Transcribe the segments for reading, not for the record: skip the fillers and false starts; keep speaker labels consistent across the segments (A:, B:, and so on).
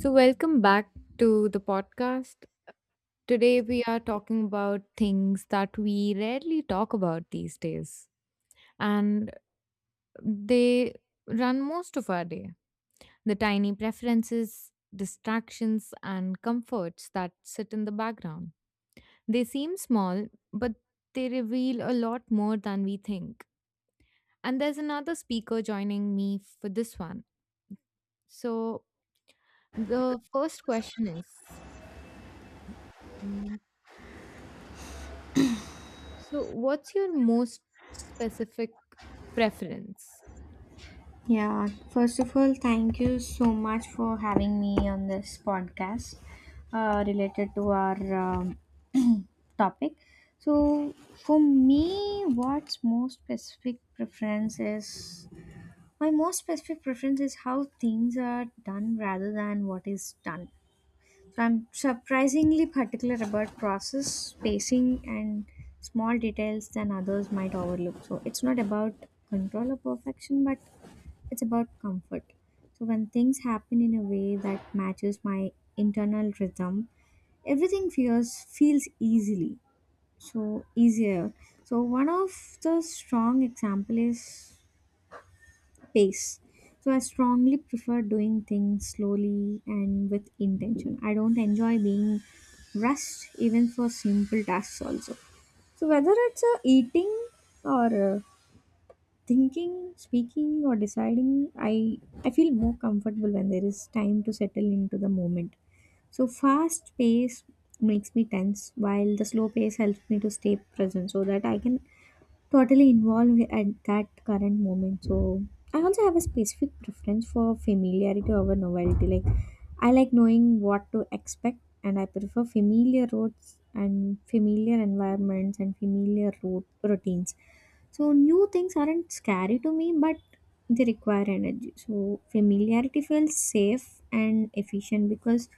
A: So, welcome
B: and my
A: back
B: teams
A: to the
B: small, but
A: podcast.
B: they revealed a
A: Today, we are talking about things that we rarely talk about these days, and they run most of our day. The tiny preferences,
B: lot
A: distractions, and
B: more
A: comforts that sit in the
B: than you
A: background. They seem small, but they reveal a lot more than we think.
B: think.
A: And there's another speaker joining me for this one. So, the first question is. mm, So, what's your most specific preference?
B: Yeah, first of all, thank you so much for having me on this podcast related to our topic. So, for me, what's most specific preference is my most specific preference is how things are done rather than what is done. I'm surprisingly particular about process, spacing, and small details than others might overlook. So it's not about control or perfection, but it's about comfort. So when things happen in a way that matches my internal rhythm, everything feels feels easily so easier. So one of the strong example is pace. So I strongly prefer doing things slowly and with intention. I don't enjoy being rushed even for simple tasks also. So whether it's eating or thinking, speaking or deciding, I feel more comfortable when there is time to settle into the moment. So fast pace makes me tense while the slow pace helps me to stay present so that I can totally involved at that current moment. So I also have a specific preference for familiarity over novelty. Like I like knowing what to expect and I prefer familiar roads and familiar environments and familiar route routines. So new things aren't scary to me but they require energy. So familiarity feels safe and efficient because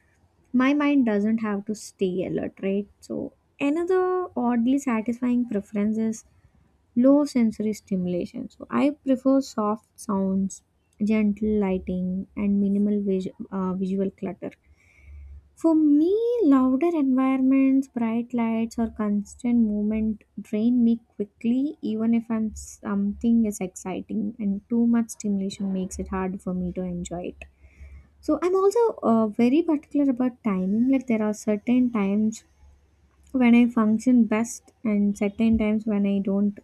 B: my mind doesn't have to stay alert, right? So another oddly satisfying preference is low sensory stimulation. So I prefer soft sounds, gentle lighting, and minimal visual clutter. For me, louder environments, bright lights, or constant movement drain me quickly, even if I'm something is exciting, and too much stimulation makes it hard for me to enjoy it. So I'm also very particular about timing. Like there are certain times when I function best, and certain times when I don't.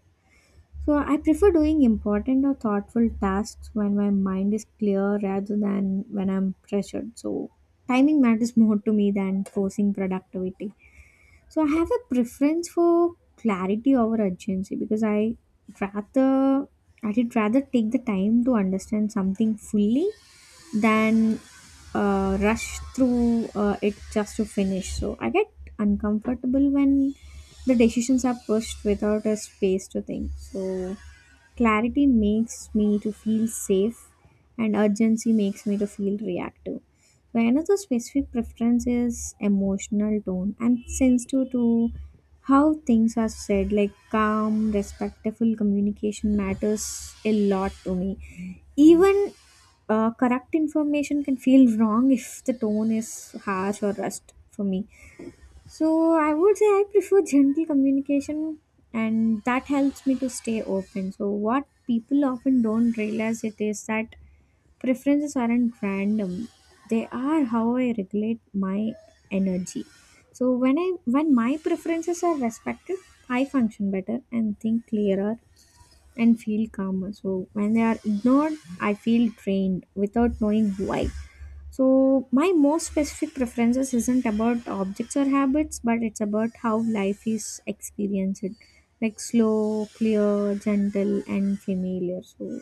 B: So I prefer doing important or thoughtful tasks when my mind is clear rather than when I'm pressured. So timing matters more to me than forcing productivity. So I have a preference for clarity over urgency because I rather I did rather take the time to understand something fully than rush through it just to finish. So I get uncomfortable when the decisions are pushed without a space to think. So clarity makes me to feel safe and urgency makes me to feel reactive. So, another specific preference is emotional tone. I'm sensitive to how things are said, like calm, respectful communication matters a lot to me. Even correct information can feel wrong if the tone is harsh or rushed for me. So I would say I prefer gentle communication and that helps me to stay open. So what people often don't realize it is that preferences aren't random. They are how I regulate my energy. So when my preferences are respected, I function better and think clearer and feel calmer. So when they are ignored, I feel drained without knowing why. So, my most specific preferences isn't about objects or habits, but it's about how life is experienced, like slow, clear, gentle, and familiar. So,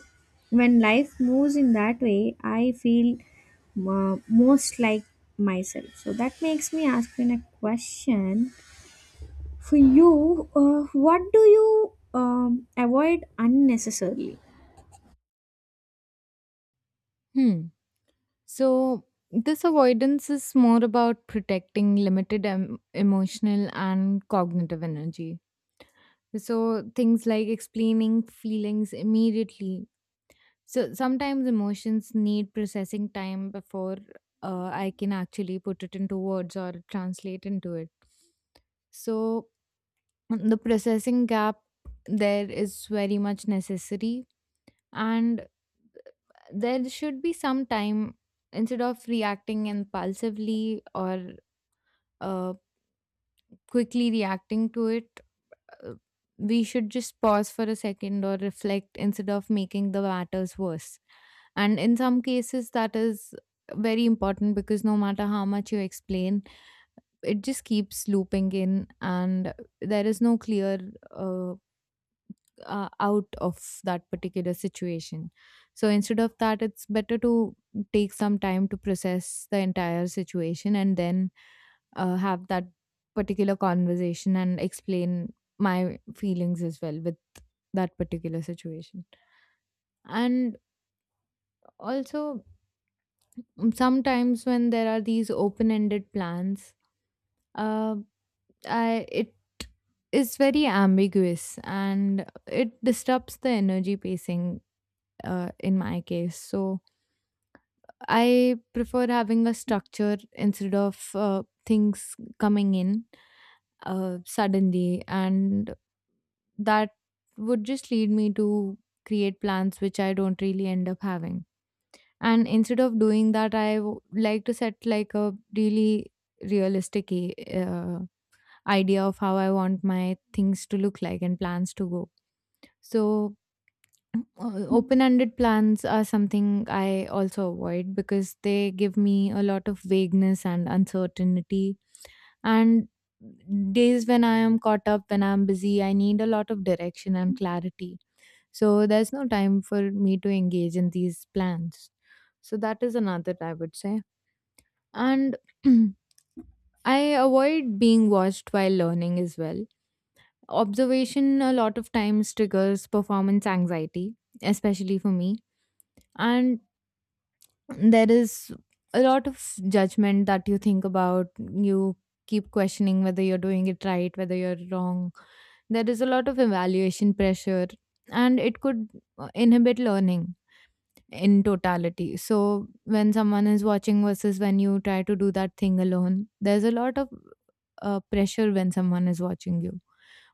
B: when life moves in that way, I feel most like myself. So, that makes me asking a question for you, what do you avoid unnecessarily?
A: Hmm. So, this avoidance is more about protecting limited emotional and cognitive energy. So, things like explaining feelings immediately. So sometimes emotions need processing time before I can actually put it into words or translate into it. So the processing gap there is very much necessary, and there should be some time instead of reacting impulsively or uh, quickly reacting to it. uh, We should just pause for a second or reflect instead of making the matters worse. And in some cases, that is very important because no matter how much you explain, it just keeps looping in, and there is no clear uh, out of that particular situation. So instead of that, it's better to take some time to process the entire situation and then have that particular conversation and explain my feelings as well with that particular situation. And also, sometimes when there are these open-ended plans uh, it is very ambiguous and it disrupts the energy pacing in my case, so I prefer having a structure instead of things coming in suddenly, and that would just lead me to create plans which I don't really end up having. And instead of doing that, I like to set like a really realistic uh, idea of how I want my things to look like and plans to go. So, open ended plans are something I also avoid because they give me a lot of vagueness and uncertainty. And days when I am caught up, when I'm busy, I need a lot of direction and clarity. So, there's no time for me to engage in these plans. So, that is another, I would say. And I avoid being watched while learning as well. Observation a lot of times triggers performance anxiety, especially for me. And there is a lot of judgment that you think about. You keep questioning whether you're doing it right, whether you're wrong. There is a lot of evaluation pressure, and it could inhibit learning in totality. So when someone is watching versus when you try to do that thing alone, there's a lot of pressure when someone is watching you.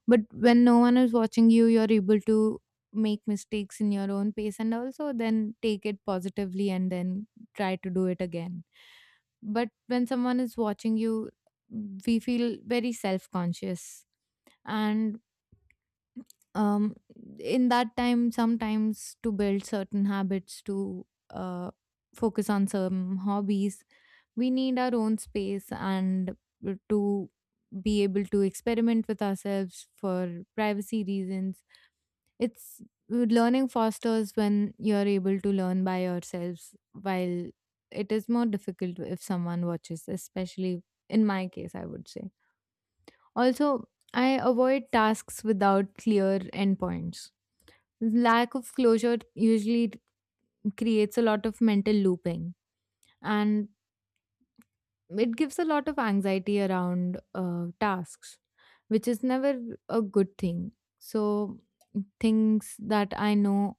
A: But when no one is watching you, you're able to make mistakes in your own pace and also then take it positively and then try to do it again. But when someone is watching you, we feel very self conscious. And um in that time, sometimes to build certain habits, to focus on some hobbies, we need our own space and to be able to experiment with ourselves for privacy reasons. It's learning fosters when you're able to learn by yourselves, while it is more difficult if someone watches, especially in my case, I would say. Also, I avoid tasks without clear endpoints. Lack of closure usually creates a lot of mental looping, and it gives a lot of anxiety around tasks, which is never a good thing. So things that I know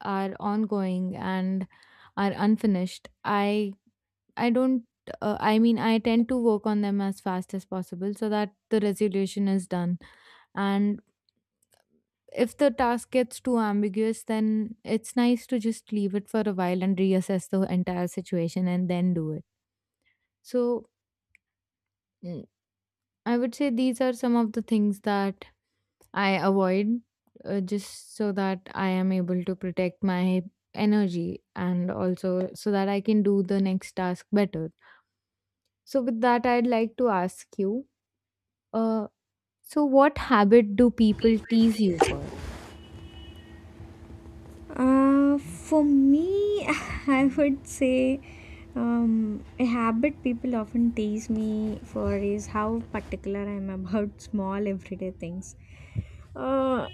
A: are ongoing and are unfinished, I don't I mean I tend to work on them as fast as possible so that the resolution is done. And if the task gets too ambiguous, then it's nice to just leave it for a while and reassess the entire situation and then do it. So, mm, I would say these are some of the things that I avoid just so that I am able to protect my energy and also so that I can do the next task better. So, with that, I'd like to ask you uh, so, what habit do people tease you for?
B: For me, I would say a habit people often tease me for is how particular I am about small everyday things. Uh,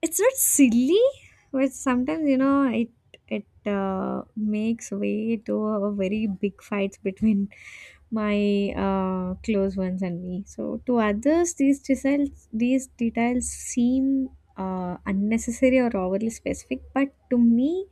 B: it's not silly, but sometimes you know it uh, makes way to a very big fights between my close ones and me. So to others, these details seem unnecessary or overly specific, but to me,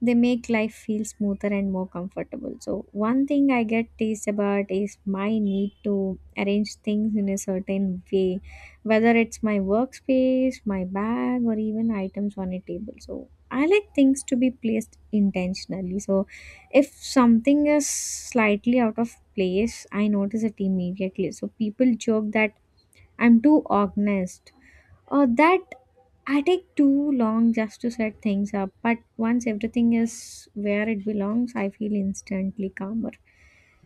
B: they make life feel smoother and more comfortable. So, one thing I get teased about is my need to arrange things in a certain way, whether it's my workspace, my bag, or even items on a table. So I like things to be placed intentionally. So if something is slightly out of place, I notice it immediately. So people joke that I'm too organized or that I take too long just to set things up. But once everything is where it belongs, I feel instantly calmer.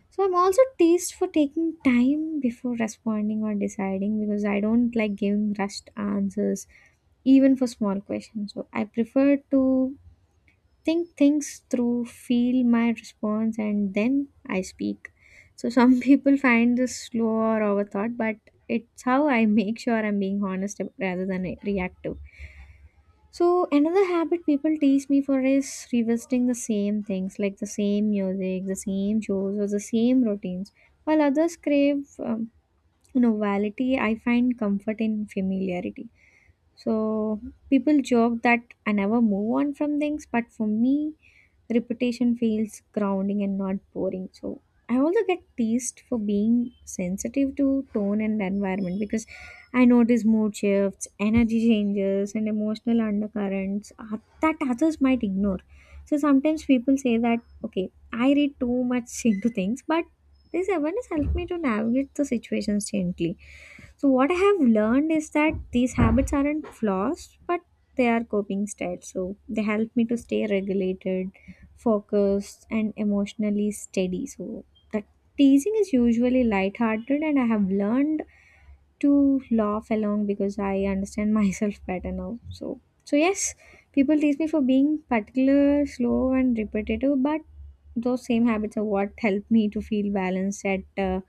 B: So I'm also teased for taking time before responding or deciding because I don't like giving rushed answers, even for small questions. So I prefer to think things through, feel my response, and then I speak. So some people find this slow or overthought, but it's how I make sure I'm being honest rather than reactive. So another habit people tease me for is revisiting the same things like the same music, the same shows, or the same routines. While others crave novelty, I find comfort in familiarity. So people joke that I never move on from things, but for me, repetition feels grounding and not boring. So I also get teased for being sensitive to tone and environment because I notice mood shifts, energy changes, and emotional undercurrents that others might ignore. So sometimes people say that, okay, I read too much into things, but this awareness helped me to navigate the situations gently. So, what I have learned is that these habits aren't flaws, but they are coping styles. So, they help me to stay regulated, focused, and emotionally steady. So, the teasing is usually lighthearted, and I have learned to laugh along because I understand myself better now. So, so yes, people tease me for being particular, slow, and repetitive, but those same habits are what help me to feel balanced at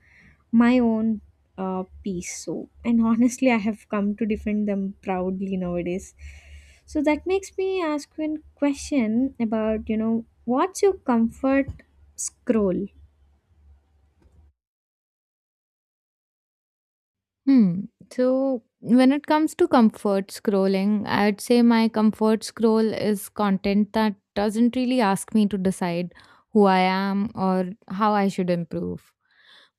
B: my own piece. So and honestly I have come to defend them proudly nowadays. So that makes me ask you a question about, you know, what's your comfort scroll?
A: Hmm. So when it comes to comfort scrolling, I'd say my comfort scroll is content that doesn't really ask me to decide who I am or how I should improve.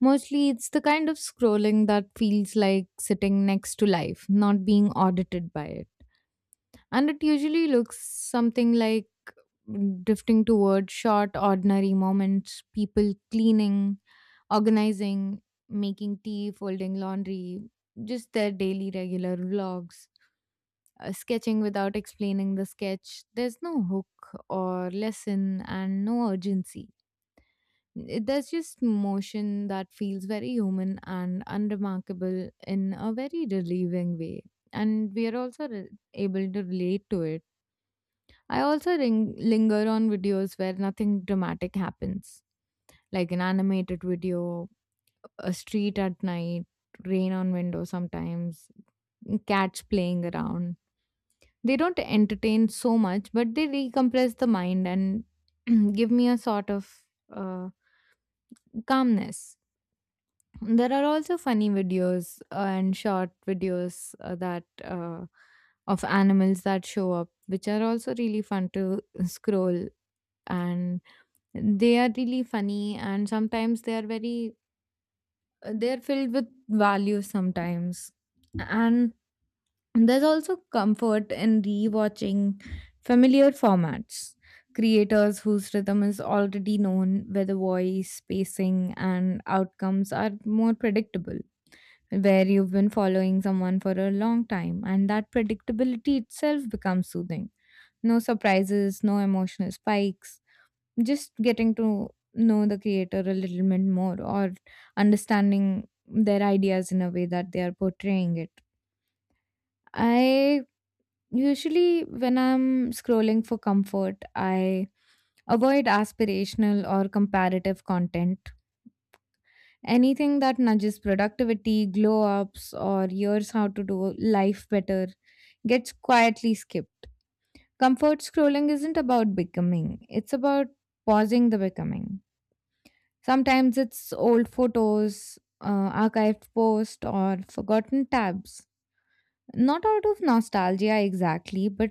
A: Mostly it's the kind of scrolling that feels like sitting next to life, not being audited by it. And it usually looks something like drifting towards short, ordinary moments, people cleaning, organizing, making tea, folding laundry, just their daily regular vlogs, sketching without explaining the sketch. There's no hook or lesson and no urgency. There's just motion that feels very human and unremarkable in a very relieving way. And we are also able to relate to it. I also linger on videos where nothing dramatic happens, like an animated video, a street at night, rain on windows sometimes, cats playing around. They don't entertain so much, but they decompress the mind and give me a sort of uh, calmness. There are also funny videos and short videos that of animals that show up, which are also really fun to scroll, and they are really funny, and sometimes they are very they're filled with values sometimes. And there's also comfort in rewatching familiar formats, creators whose rhythm is already known, where the voice pacing and outcomes are more predictable, where you've been following someone for a long time and that predictability itself becomes soothing. No surprises, no emotional spikes, just getting to know the creator a little bit more or understanding their ideas in a way that they are portraying it. I when I'm scrolling for comfort, I avoid aspirational or comparative content. Anything that nudges productivity, glow ups, or years how to do life better gets quietly skipped. Comfort scrolling isn't about becoming, it's about pausing the becoming. Sometimes it's old photos, archived posts, or forgotten tabs. Not out of nostalgia exactly, but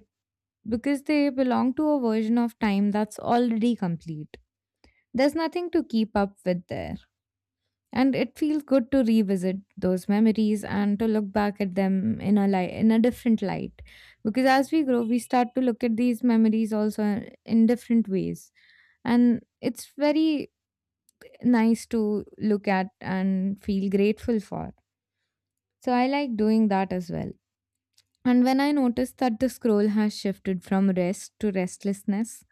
A: because they belong to a version of time that's already complete. There's nothing to keep up with there. And it feels good to revisit those memories and to look back at them in a light, in a different light. Because as we grow, we start to look at these memories also in different ways. And it's very nice to look at and feel grateful for. So I like doing that as well. And when I notice that the scroll has shifted from rest to restlessness,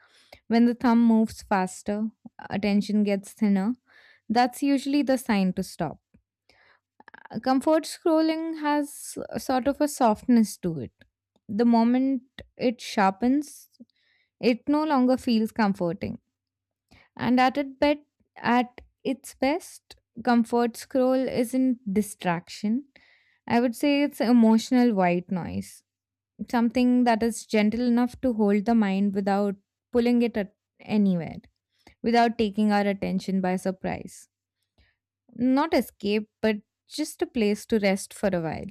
A: when the thumb moves faster, attention gets thinner, that's usually the sign to stop. Comfort scrolling has a sort of a softness to it. The moment it sharpens, it no longer feels comforting. And at it bet at its best, comfort scroll isn't distraction. I would say it's emotional white noise, something that is gentle enough to hold the mind without pulling it at anywhere, without taking our attention by surprise. Not escape, but just a place to rest for a while.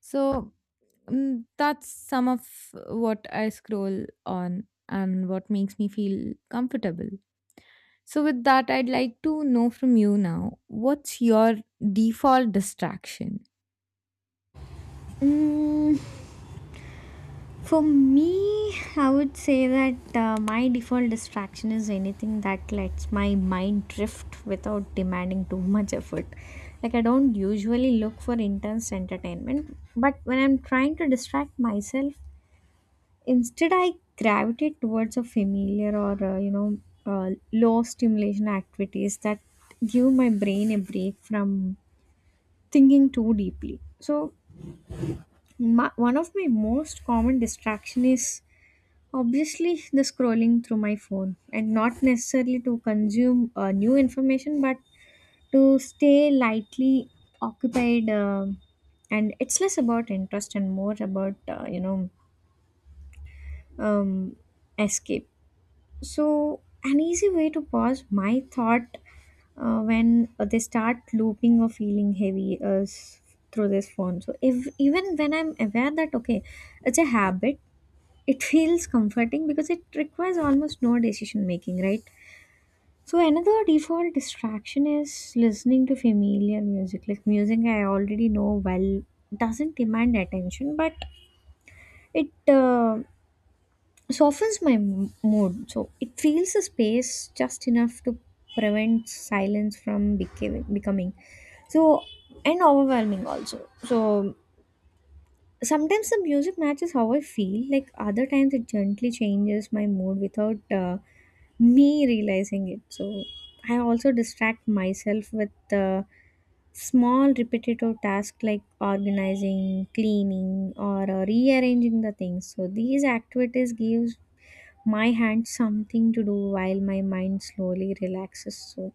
A: So that's some of what I scroll on and what makes me feel comfortable. So, with that, I'd like to know from you now, what's your default distraction?
B: Mm, for me I would say that my default distraction is anything that lets my mind drift without demanding too much effort. Like I don't usually look for intense entertainment but when I'm trying to distract myself, instead, I gravitate towards a familiar, or, low stimulation activities that give my brain a break from thinking too deeply. So, one of my most common distraction is obviously the scrolling through my phone and not necessarily to consume new information but to stay lightly occupied, and it's less about interest and more about, um, escape. So, an easy way to pause my thought when they start looping or feeling heavy, through this phone. So, if even when I'm aware that okay, it's a habit, it feels comforting because it requires almost no decision making, right? So, another default distraction is listening to familiar music, like music I already know well doesn't demand attention, but it softens my mood. So it fills the space just enough to prevent silence from becoming so and overwhelming also. So sometimes the music matches how I feel. Like other times it gently changes my mood without me realizing it. So I also distract myself with small repetitive tasks like organizing, cleaning, or rearranging the things. So these activities gives my hands something to do while my mind slowly relaxes, so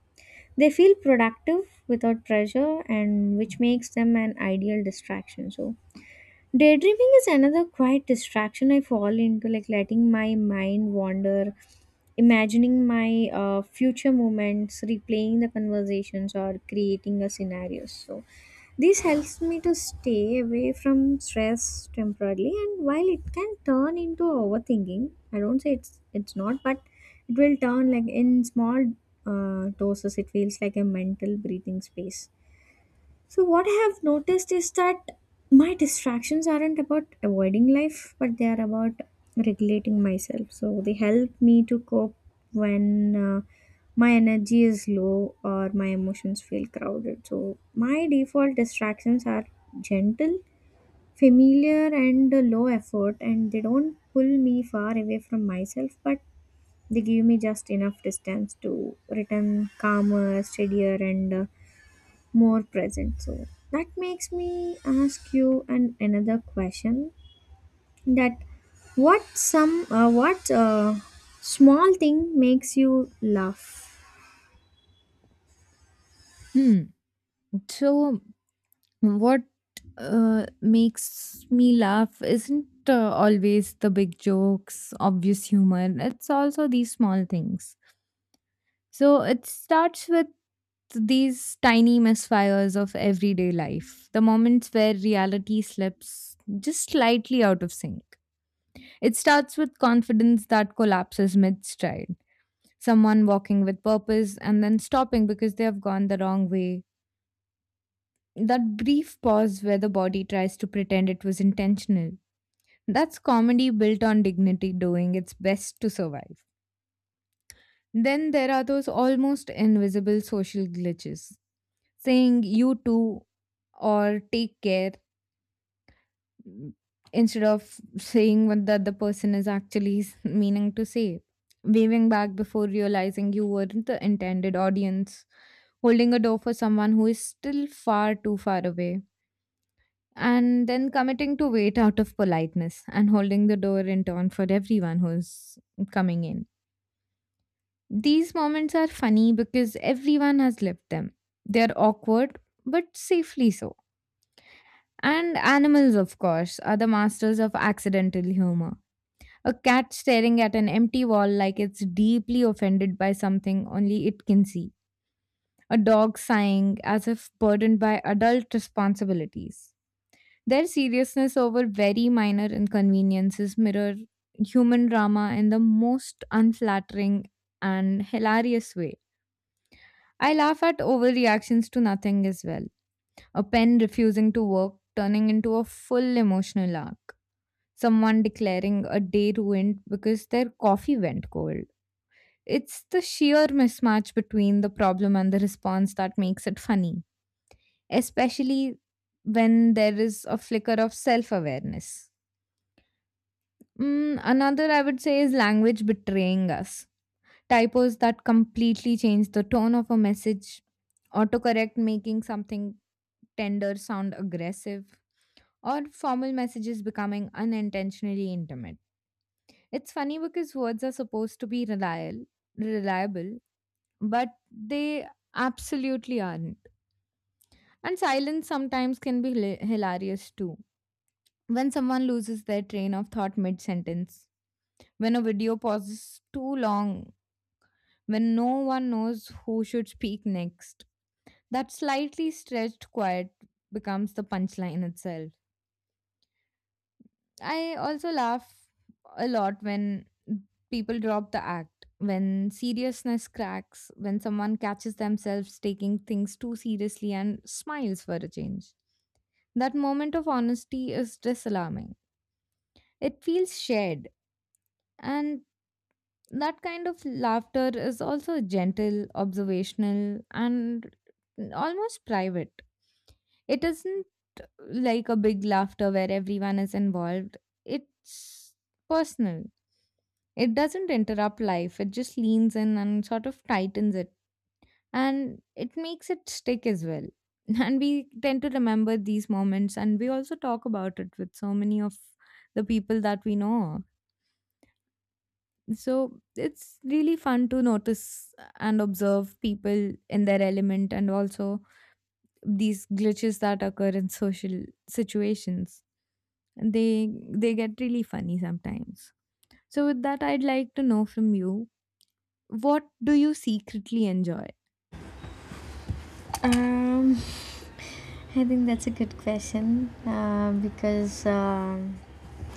B: they feel productive without pressure and which makes them an ideal distraction. So daydreaming is another quiet distraction I fall into, like letting my mind wander, imagining my future moments, replaying the conversations, or creating a scenario. So, this helps me to stay away from stress temporarily. And while it can turn into overthinking, I don't say it's not, but it will turn like in small doses. It feels like a mental breathing space. So, what I have noticed is that my distractions aren't about avoiding life, but they are about regulating myself. So, they help me to cope when uh, my energy is low or my emotions feel crowded. So, my default distractions are gentle, familiar, and low effort, and they don't pull me far away from myself, but they give me just enough distance to return calmer, steadier, and more present. So that makes me ask you an another question, that what some what small thing makes you laugh?
A: Hmm. So, what makes me laugh isn't always the big jokes, obvious humor, it's also these small things. So, it starts with these tiny misfires of everyday life, the moments where reality slips just slightly out of sync. It starts with confidence that collapses mid stride, someone walking with purpose and then stopping because they have gone the wrong way. That brief pause where the body tries to pretend it was intentional. That's comedy built on dignity doing its best to survive. Then there are those almost invisible social glitches, saying you too or take care instead of saying what the other person is actually meaning to say. Waving back before realizing you weren't the intended audience. Holding a door for someone who is still far too far away. And then committing to wait out of politeness and holding the door in turn for everyone who's coming in. These moments are funny because everyone has lived them. They're awkward, but safely so. And animals, of course, are the masters of accidental humor. A cat staring at an empty wall like it's deeply offended by something only it can see. A dog sighing as if burdened by adult responsibilities. Their seriousness over very minor inconveniences mirror human drama in the most unflattering and hilarious way. I laugh at overreactions to nothing as well. A pen refusing to work turning into a full emotional arc. Someone declaring a day ruined because their coffee went cold. It's the sheer mismatch between the problem and the response that makes it funny, especially when there is a flicker of self awareness. Another, I would say, is language betraying us. Typos that completely change the tone of a message, autocorrect making something tender sound aggressive, or formal messages becoming unintentionally intimate. It's funny because words are supposed to be reliable, but they absolutely aren't. And silence sometimes can be hilarious too. When someone loses their train of thought mid sentence, when a video pauses too long, when no one knows who should speak next, that slightly stretched quiet becomes the punchline itself. I also laugh a lot when people drop the act, when seriousness cracks, when someone catches themselves taking things too seriously and smiles for a change. That moment of honesty is disarming. It feels shared, and that kind of laughter is also gentle, observational, and almost private. It isn't like a big laughter where everyone is involved, it's personal. It doesn't interrupt life, it just leans in and sort of tightens it, and it makes it stick as well. And we tend to remember these moments, and we also talk about it with so many of the people that we know. So it's really fun to notice and observe people in their element, and also these glitches that occur in social situations, they get really funny sometimes. So with that, I'd like to know from you, what do you secretly enjoy?
B: Um, I think that's a good question because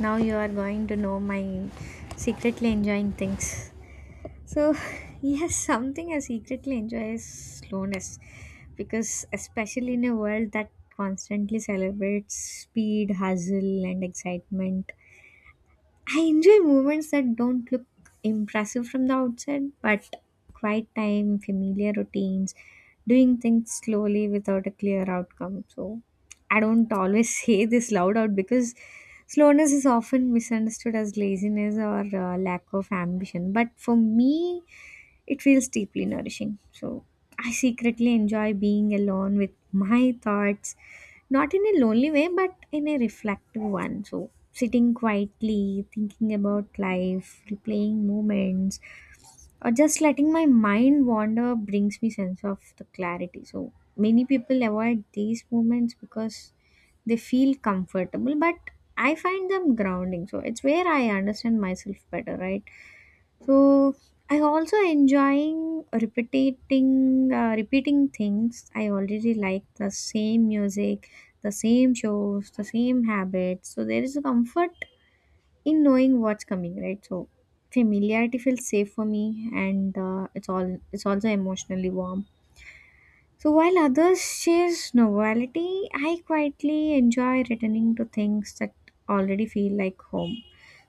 B: now you are going to know my secretly enjoying things. So, yes, something I secretly enjoy is slowness because, especially in a world that constantly celebrates speed, hustle, and excitement, I enjoy moments that don't look impressive from the outside, but quiet time, familiar routines, doing things slowly without a clear outcome. So, I don't always say this loud out because slowness is often misunderstood as laziness or lack of ambition. But for me, it feels deeply nourishing. So I secretly enjoy being alone with my thoughts, not in a lonely way, but in a reflective one. So sitting quietly, thinking about life, replaying moments, or just letting my mind wander brings me sense of the clarity. So many people avoid these moments because they feel comfortable, but I find them grounding. So it's where I understand myself better, right? So I also enjoying repeating things. I already like the same music, the same shows, the same habits. So there is a comfort in knowing what's coming, right? So familiarity feels safe for me, and it's also emotionally warm. So while others chase novelty, I quietly enjoy returning to things that already feel like home.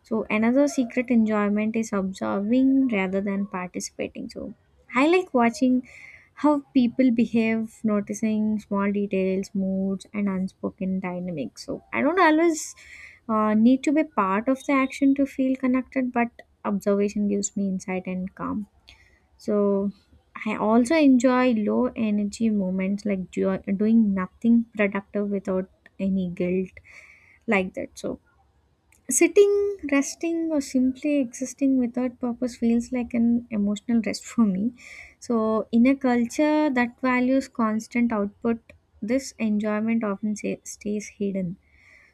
B: So another secret enjoyment is observing rather than participating. So I like watching how people behave, noticing small details, moods, and unspoken dynamics. So I don't always need to be part of the action to feel connected, but observation gives me insight and calm. So I also enjoy low energy moments like doing nothing productive without any guilt like that. So sitting, resting, or simply existing without purpose feels like an emotional rest for me. So in a culture that values constant output, this enjoyment often stays hidden.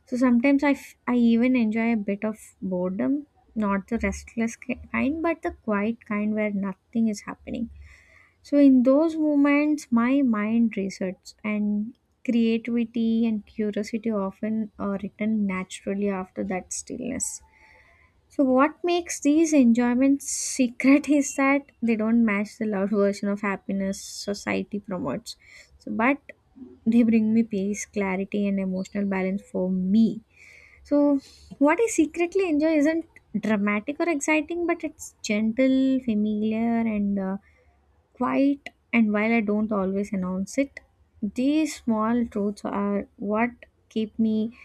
B: So sometimes I even enjoy a bit of boredom, not the restless kind, but the quiet kind where nothing is happening. So in those moments, my mind resets and creativity and curiosity often return naturally after that stillness. So what makes these enjoyments secret is that they don't match the loud version of happiness society promotes. So but they bring me peace, clarity and emotional balance for me. So what I secretly enjoy isn't dramatic or exciting, but it's gentle, familiar and quite, and while I don't always announce it, these small truths are what keep me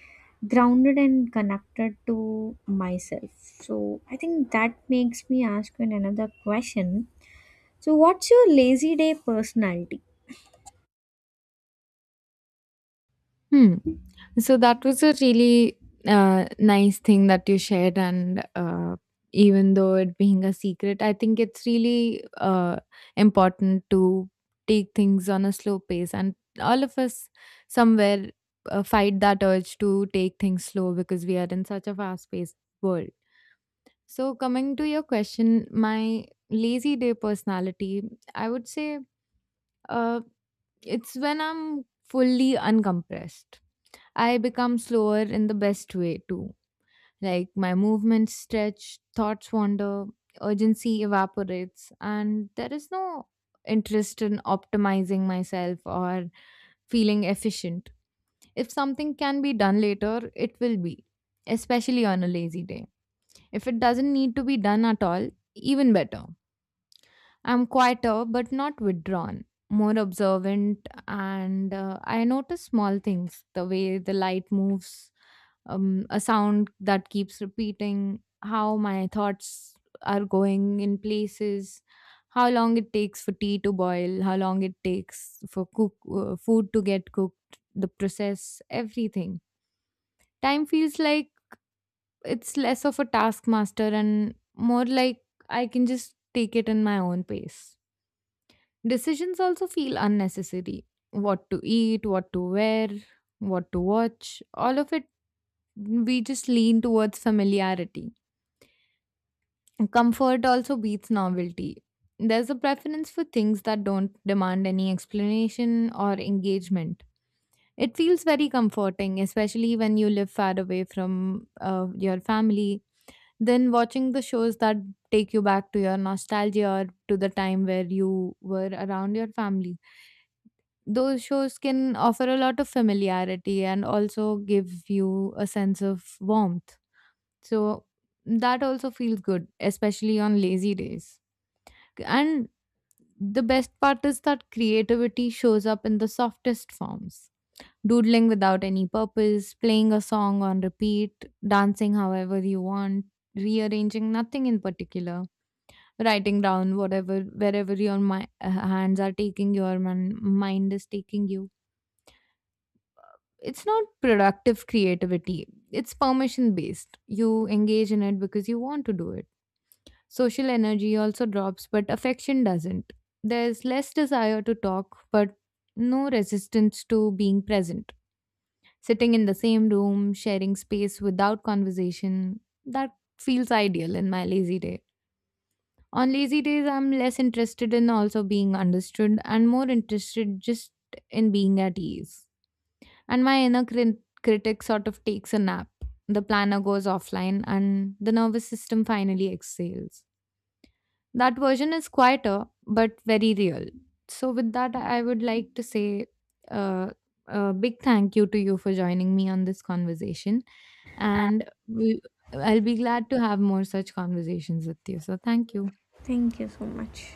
B: grounded and connected to myself. So I think that makes me ask you another question. So, what's your lazy day personality?
A: Hmm. So that was a really nice thing that you shared, and even though it being a secret, I think it's really important to take things on a slow pace, and all of us somewhere fight that urge to take things slow because we are in such a fast-paced world. So coming to your question, my lazy day personality, I would say uh, it's when I'm fully uncompressed I become slower in the best way too. Like my movements stretch, thoughts wander, urgency evaporates, and there is no interest in optimizing myself or feeling efficient. If something can be done later, it will be, especially on a lazy day. If it doesn't need to be done at all, even better. I'm quieter but not withdrawn, more observant, and I notice small things, the way the light moves, a sound that keeps repeating, how my thoughts are going in places, how long it takes for tea to boil, how long it takes for food to get cooked, the process, everything. Time feels like it's less of a taskmaster and more like I can just take it in my own pace. Decisions also feel unnecessary. What to eat, what to wear, what to watch, all of it, we just lean towards familiarity. Comfort also beats novelty. There's a preference for things that don't demand any explanation or engagement. It feels very comforting, especially when you live far away from your family. Then watching the shows that take you back to your nostalgia or to the time where you were around your family, those shows can offer a lot of familiarity and also give you a sense of warmth. So that also feels good, especially on lazy days. And the best part is that creativity shows up in the softest forms. Doodling without any purpose, playing a song on repeat, dancing however you want, rearranging nothing in particular, writing down whatever, wherever your hands are taking you, or mind is taking you. It's not productive creativity, it's permission based. You engage in it because you want to do it. Social energy also drops, but affection doesn't. There's less desire to talk, but no resistance to being present. Sitting in the same room, sharing space without conversation, that feels ideal in my lazy day. On lazy days I'm less interested in also being understood and more interested just in being at ease. And my inner critic sort of takes a nap. The planner goes offline and the nervous system finally exhales. That version is quieter but very real. So, with that, I would like to say uh, a big thank you to you for joining me on this conversation. And we, I'll be glad to have more such conversations with you. So, thank you.
B: Thank you so much.